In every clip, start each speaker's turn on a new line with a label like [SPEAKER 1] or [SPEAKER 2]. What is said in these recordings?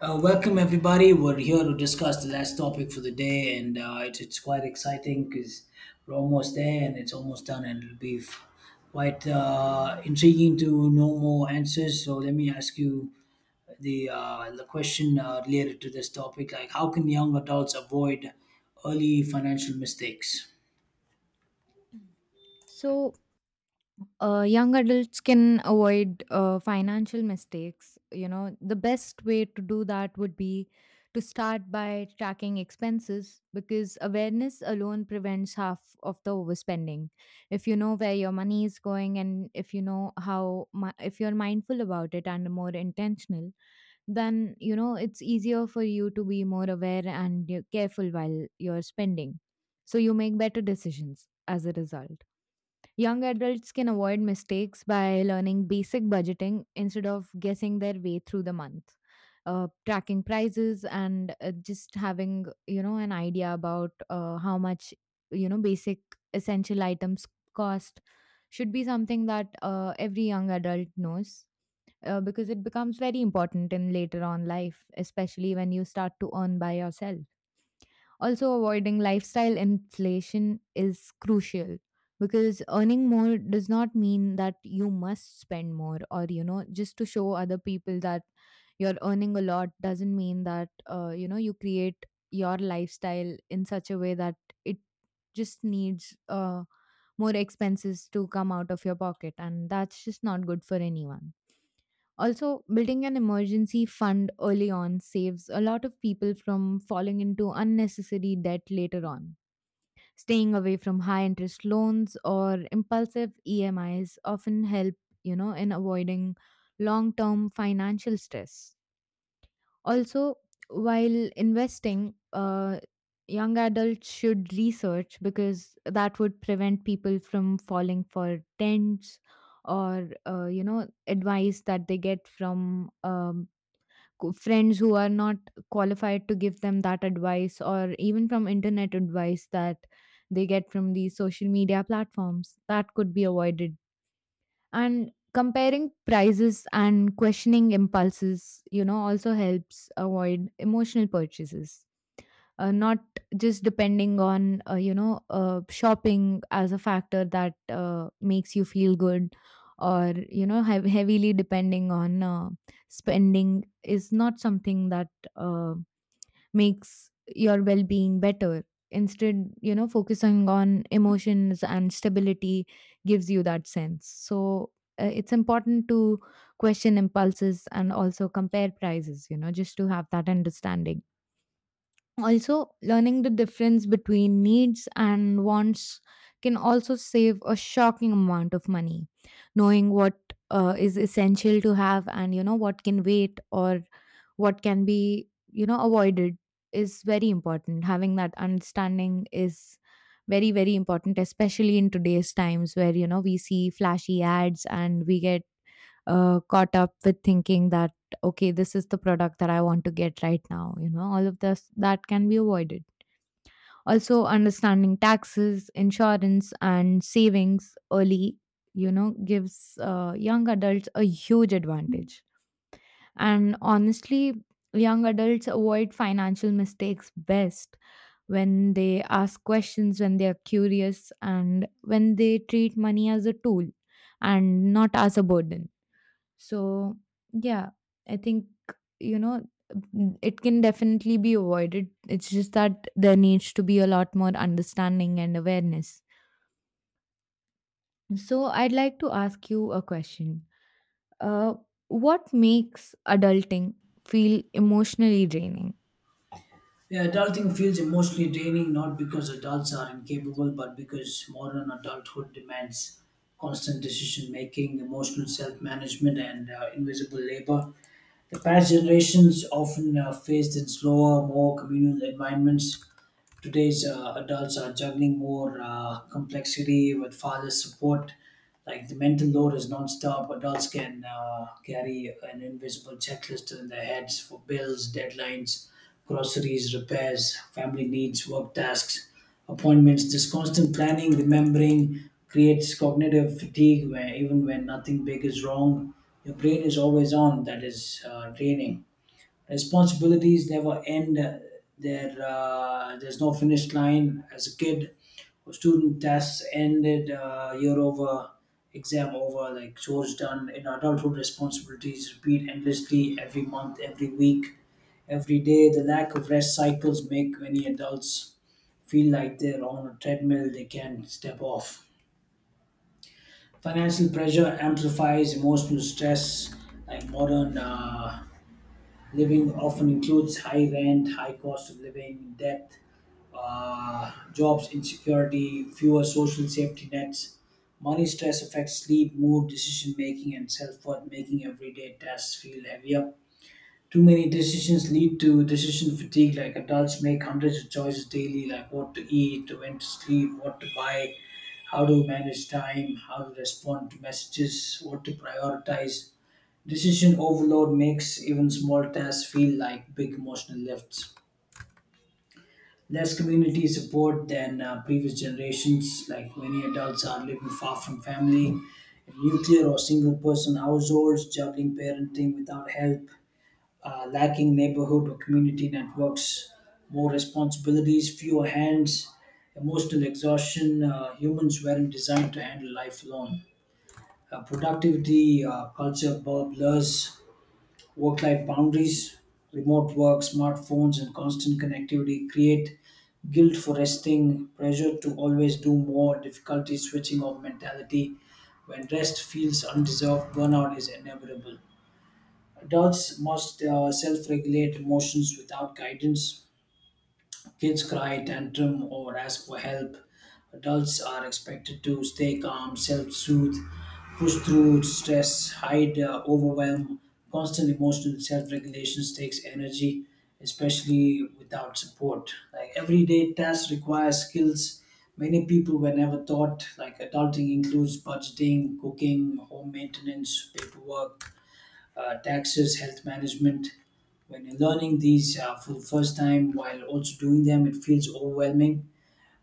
[SPEAKER 1] Welcome everybody. We're here to discuss the last topic for the day, and it's quite exciting because we're almost there and it's almost done, and quite intriguing to know more answers. So let me ask you the question related to this topic: like how can young adults avoid early financial mistakes?
[SPEAKER 2] So, young adults can avoid financial mistakes. You know, the best way to do that would be to start by tracking expenses, because awareness alone prevents half of the overspending. If you know where your money is going, and if you know if you're mindful about it and more intentional, then it's easier for you to be more aware and careful while you're spending. So you make better decisions as a result. Young adults can avoid mistakes by learning basic budgeting instead of guessing their way through the month. Tracking prices and just having, an idea about how much, basic essential items cost should be something that every young adult knows, because it becomes very important in later on life, especially when you start to earn by yourself. Also, avoiding lifestyle inflation is crucial, because earning more does not mean that you must spend more or, just to show other people that you're earning a lot doesn't mean that, you create your lifestyle in such a way that it just needs more expenses to come out of your pocket. And that's just not good for anyone. Also, building an emergency fund early on saves a lot of people from falling into unnecessary debt later on. Staying away from high interest loans or impulsive EMIs often help, in avoiding long term financial stress. Also, while investing, young adults should research, because that would prevent people from falling for tents, or advice that they get from um friends who are not qualified to give them that advice, or even from internet advice that they get from these social media platforms, that could be avoided. And comparing prices and questioning impulses, also helps avoid emotional purchases. Not just depending on, shopping as a factor that makes you feel good, or, heavily depending on, spending is not something that uh, makes your well-being better. Instead, focusing on emotions and stability gives you that sense. So, it's important to question impulses and also compare prices, just to have that understanding. Also, learning the difference between needs and wants can also save a shocking amount of money. Knowing what is essential to have, and what can wait, or what can be, avoided is very important. Having that understanding is very, very important, especially in today's times, where, we see flashy ads and we get caught up with thinking that, okay, this is the product that I want to get right now. All of this that can be avoided. Also, understanding taxes, insurance, and savings early, gives young adults a huge advantage. And honestly, young adults avoid financial mistakes best when they ask questions, when they are curious, and when they treat money as a tool and not as a burden. So, yeah, I think, you know, it can definitely be avoided. It's just that there needs to be a lot more understanding and awareness. So, I'd like to ask you a question. Uh, what makes adulting feel emotionally draining?
[SPEAKER 1] Yeah, adulting feels emotionally draining not because adults are incapable, but because modern adulthood demands constant decision making, emotional self management, and invisible labor. The past generations often faced in slower, more communal environments. Today's adults are juggling more complexity with father's support. Like the mental load is nonstop. Adults can carry an invisible checklist in their heads for bills, deadlines, groceries, repairs, family needs, work tasks, appointments. This constant planning, remembering, creates cognitive fatigue where even when nothing big is wrong, your brain is always on. That is draining. Responsibilities never end. There's no finish line. As a kid, student tasks ended, year over, exam over, like chores done. In adulthood, responsibilities repeat endlessly every month, every week, every day. The lack of rest cycles make many adults feel like they're on a treadmill they can't step off. Financial pressure amplifies emotional stress, like modern. Living often includes high rent, high cost of living, debt, jobs insecurity, fewer social safety nets. Money stress affects sleep, mood, decision making, and self worth, making everyday tasks feel heavier. Too many decisions lead to decision fatigue. Like adults make hundreds of choices daily, like what to eat, when to sleep, what to buy, how to manage time, how to respond to messages, what to prioritize. Decision overload makes even small tasks feel like big emotional lifts. Less community support than previous generations, like many adults are living far from family, in nuclear or single person households, juggling parenting without help, lacking neighborhood or community networks, more responsibilities, fewer hands, emotional exhaustion. Humans weren't designed to handle life alone. Productivity culture blurs work life boundaries, remote work, smartphones, and constant connectivity create guilt for resting, pressure to always do more, difficulty switching off mentality. When rest feels undeserved, burnout is inevitable. Adults must self regulate emotions without guidance. Kids cry, tantrum, or ask for help. Adults are expected to stay calm, self soothe, push through stress, hide overwhelm. Constant emotional self regulation takes energy, especially without support. Like everyday tasks require skills many people were never taught. Like adulting includes budgeting, cooking, home maintenance, paperwork taxes, health management. When you're learning these for the first time while also doing them, it feels overwhelming.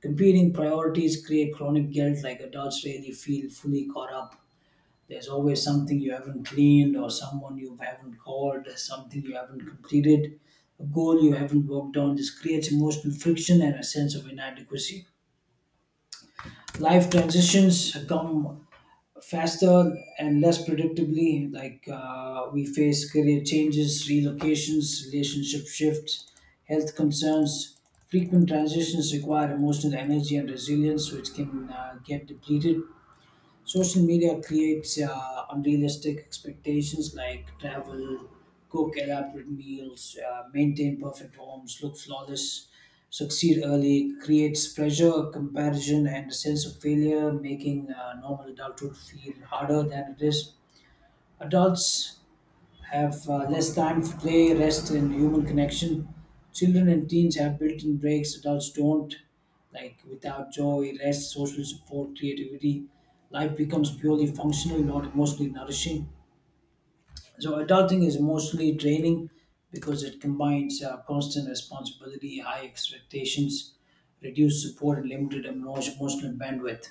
[SPEAKER 1] Competing priorities create chronic guilt, like adults rarely feel fully caught up. There's always something you haven't cleaned, or someone you haven't called, something you haven't completed, a goal you haven't worked on. This creates emotional friction and a sense of inadequacy. Life transitions come faster and less predictably. Like we face career changes, relocations, relationship shifts, health concerns. Frequent transitions require emotional energy and resilience, which can get depleted. Social media creates unrealistic expectations like travel, cook elaborate meals, maintain perfect homes, look flawless, succeed early, creates pressure, comparison, and a sense of failure, making normal adulthood feel harder than it is. Adults have less time for play, rest, and human connection. Children and teens have built in breaks adults don't. Like without joy, rest, social support, creativity, life becomes purely functional, not emotionally nourishing. So, adulting is emotionally draining because it combines constant responsibility, high expectations, reduced support, and limited emotional bandwidth.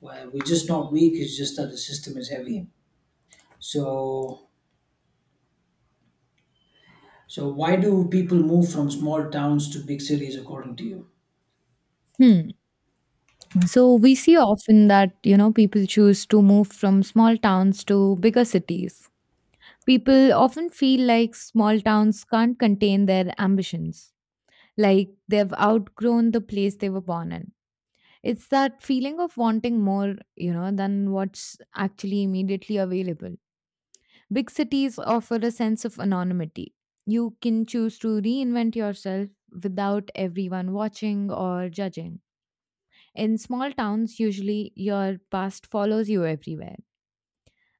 [SPEAKER 1] Well, we're just not weak, it's just that the system is heavy. So, So, why do people move from small towns to big cities, according to you?
[SPEAKER 2] Hmm. So, we see often that, people choose to move from small towns to bigger cities. People often feel like small towns can't contain their ambitions, like they've outgrown the place they were born in. It's that feeling of wanting more, than what's actually immediately available. Big cities offer a sense of anonymity. You can choose to reinvent yourself without everyone watching or judging. In small towns, usually your past follows you everywhere.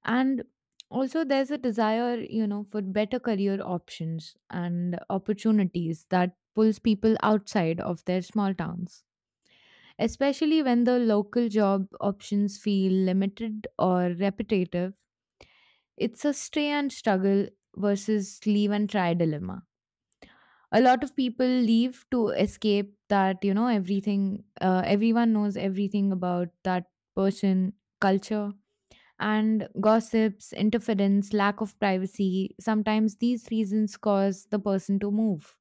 [SPEAKER 2] And also, there's a desire, for better career options and opportunities that pulls people outside of their small towns, especially when the local job options feel limited or repetitive. It's a stay and struggle versus leave and try dilemma. A lot of people leave to escape that, everything, everyone knows everything about that person, culture, and gossips, interference, lack of privacy. Sometimes these reasons cause the person to move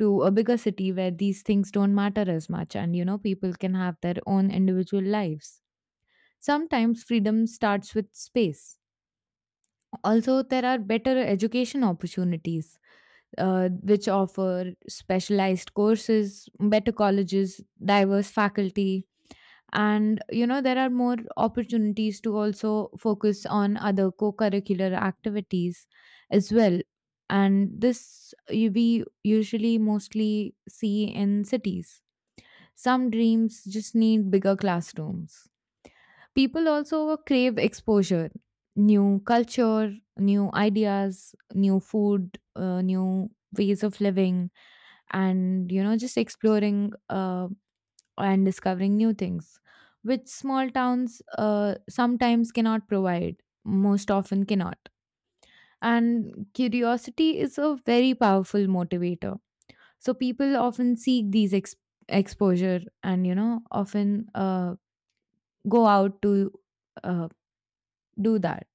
[SPEAKER 2] to a bigger city where these things don't matter as much, and people can have their own individual lives. Sometimes freedom starts with space. Also, there are better education opportunities, which offer specialized courses, better colleges, diverse faculty. And, there are more opportunities to also focus on other co curricular activities as well. And this we usually mostly see in cities. Some dreams just need bigger classrooms. People also crave exposure, new culture, new ideas, new food, new ways of living, and, just exploring and discovering new things, which small towns sometimes cannot provide, most often cannot. And curiosity is a very powerful motivator. So people often seek these exposure, and, often go out to uh, do that.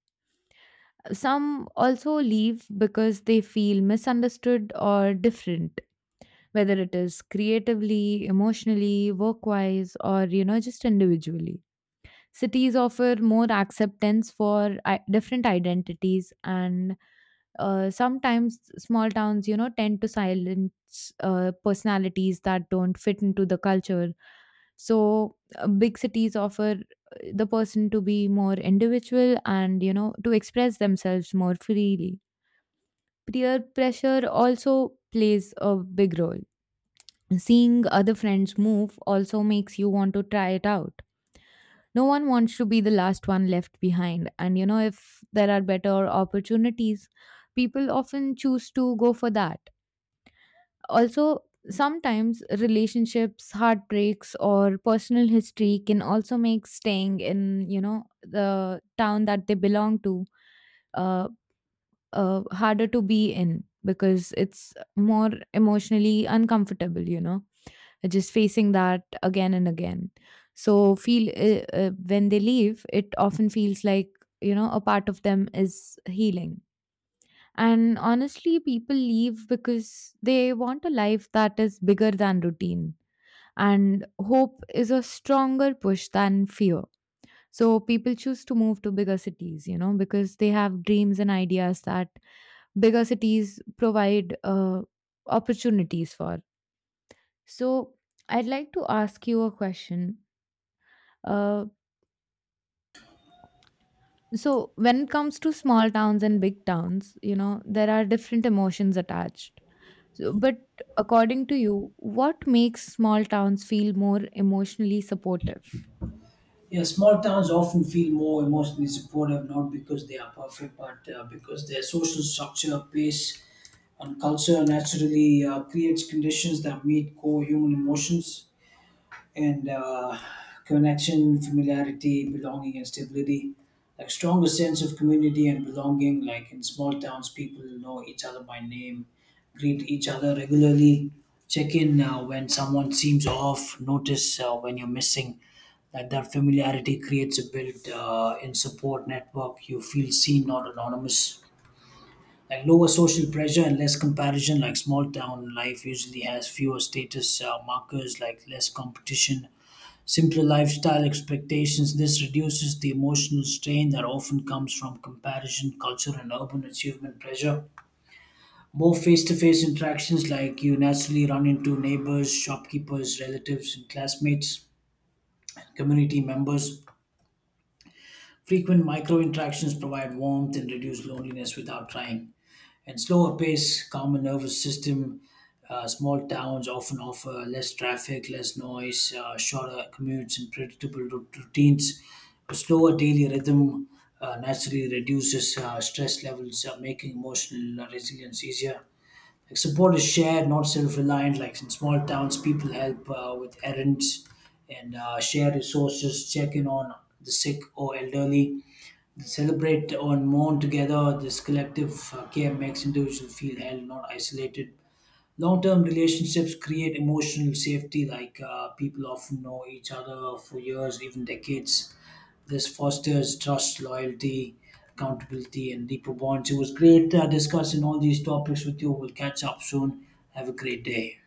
[SPEAKER 2] Some also leave because they feel misunderstood or different, whether it is creatively, emotionally, work wise, or, just individually. Cities offer more acceptance for different identities, and sometimes small towns, tend to silence personalities that don't fit into the culture. So, big cities offer the person to be more individual, and, to express themselves more freely. Peer pressure also plays a big role. Seeing other friends move also makes you want to try it out. No one wants to be the last one left behind, and if there are better opportunities, people often choose to go for that. Also, sometimes relationships, heartbreaks, or personal history can also make staying in, the town that they belong to, uh, harder to be in, because it's more emotionally uncomfortable, just facing that again and again. So feel, when they leave, it often feels like, a part of them is healing. And honestly, people leave because they want a life that is bigger than routine, and hope is a stronger push than fear. So people choose to move to bigger cities, because they have dreams and ideas that bigger cities provide opportunities for. So, I'd like to ask you a question. Uh, so, when it comes to small towns and big towns, there are different emotions attached. So, but according to you, what makes small towns feel more emotionally supportive?
[SPEAKER 1] Yeah, small towns often feel more emotionally supportive, not because they are perfect, but because their social structure, pace, and culture naturally creates conditions that meet core human emotions. And Connection, familiarity, belonging, and stability. Like stronger sense of community and belonging. Like in small towns, people know each other by name, greet each other regularly, check in when someone seems off, notice when you're missing. Like that familiarity creates a build in support network. You feel seen, not anonymous. Like lower social pressure and less comparison. Like small town life usually has fewer status markers, like less competition. Simpler lifestyle expectations. This reduces the emotional strain that often comes from comparison, culture, and urban achievement pressure. More face to face interactions, like you naturally run into neighbors, shopkeepers, relatives, and classmates, community members. Frequent micro interactions provide warmth and reduce loneliness without trying. And slower pace, calmer nervous system. Small towns often offer less traffic, less noise, shorter commutes, and predictable routines. A slower daily rhythm naturally reduces stress levels, making emotional resilience easier. Like support is shared, not self-reliant. Like in small towns, people help with errands and share resources, check in on the sick or elderly, celebrate or mourn together. This collective care makes individuals feel held, not isolated. Long term relationships create emotional safety, like people often know each other for years, even decades. This fosters trust, loyalty, accountability, and deeper bonds. It was great discussing all these topics with you. We'll catch up soon. Have a great day.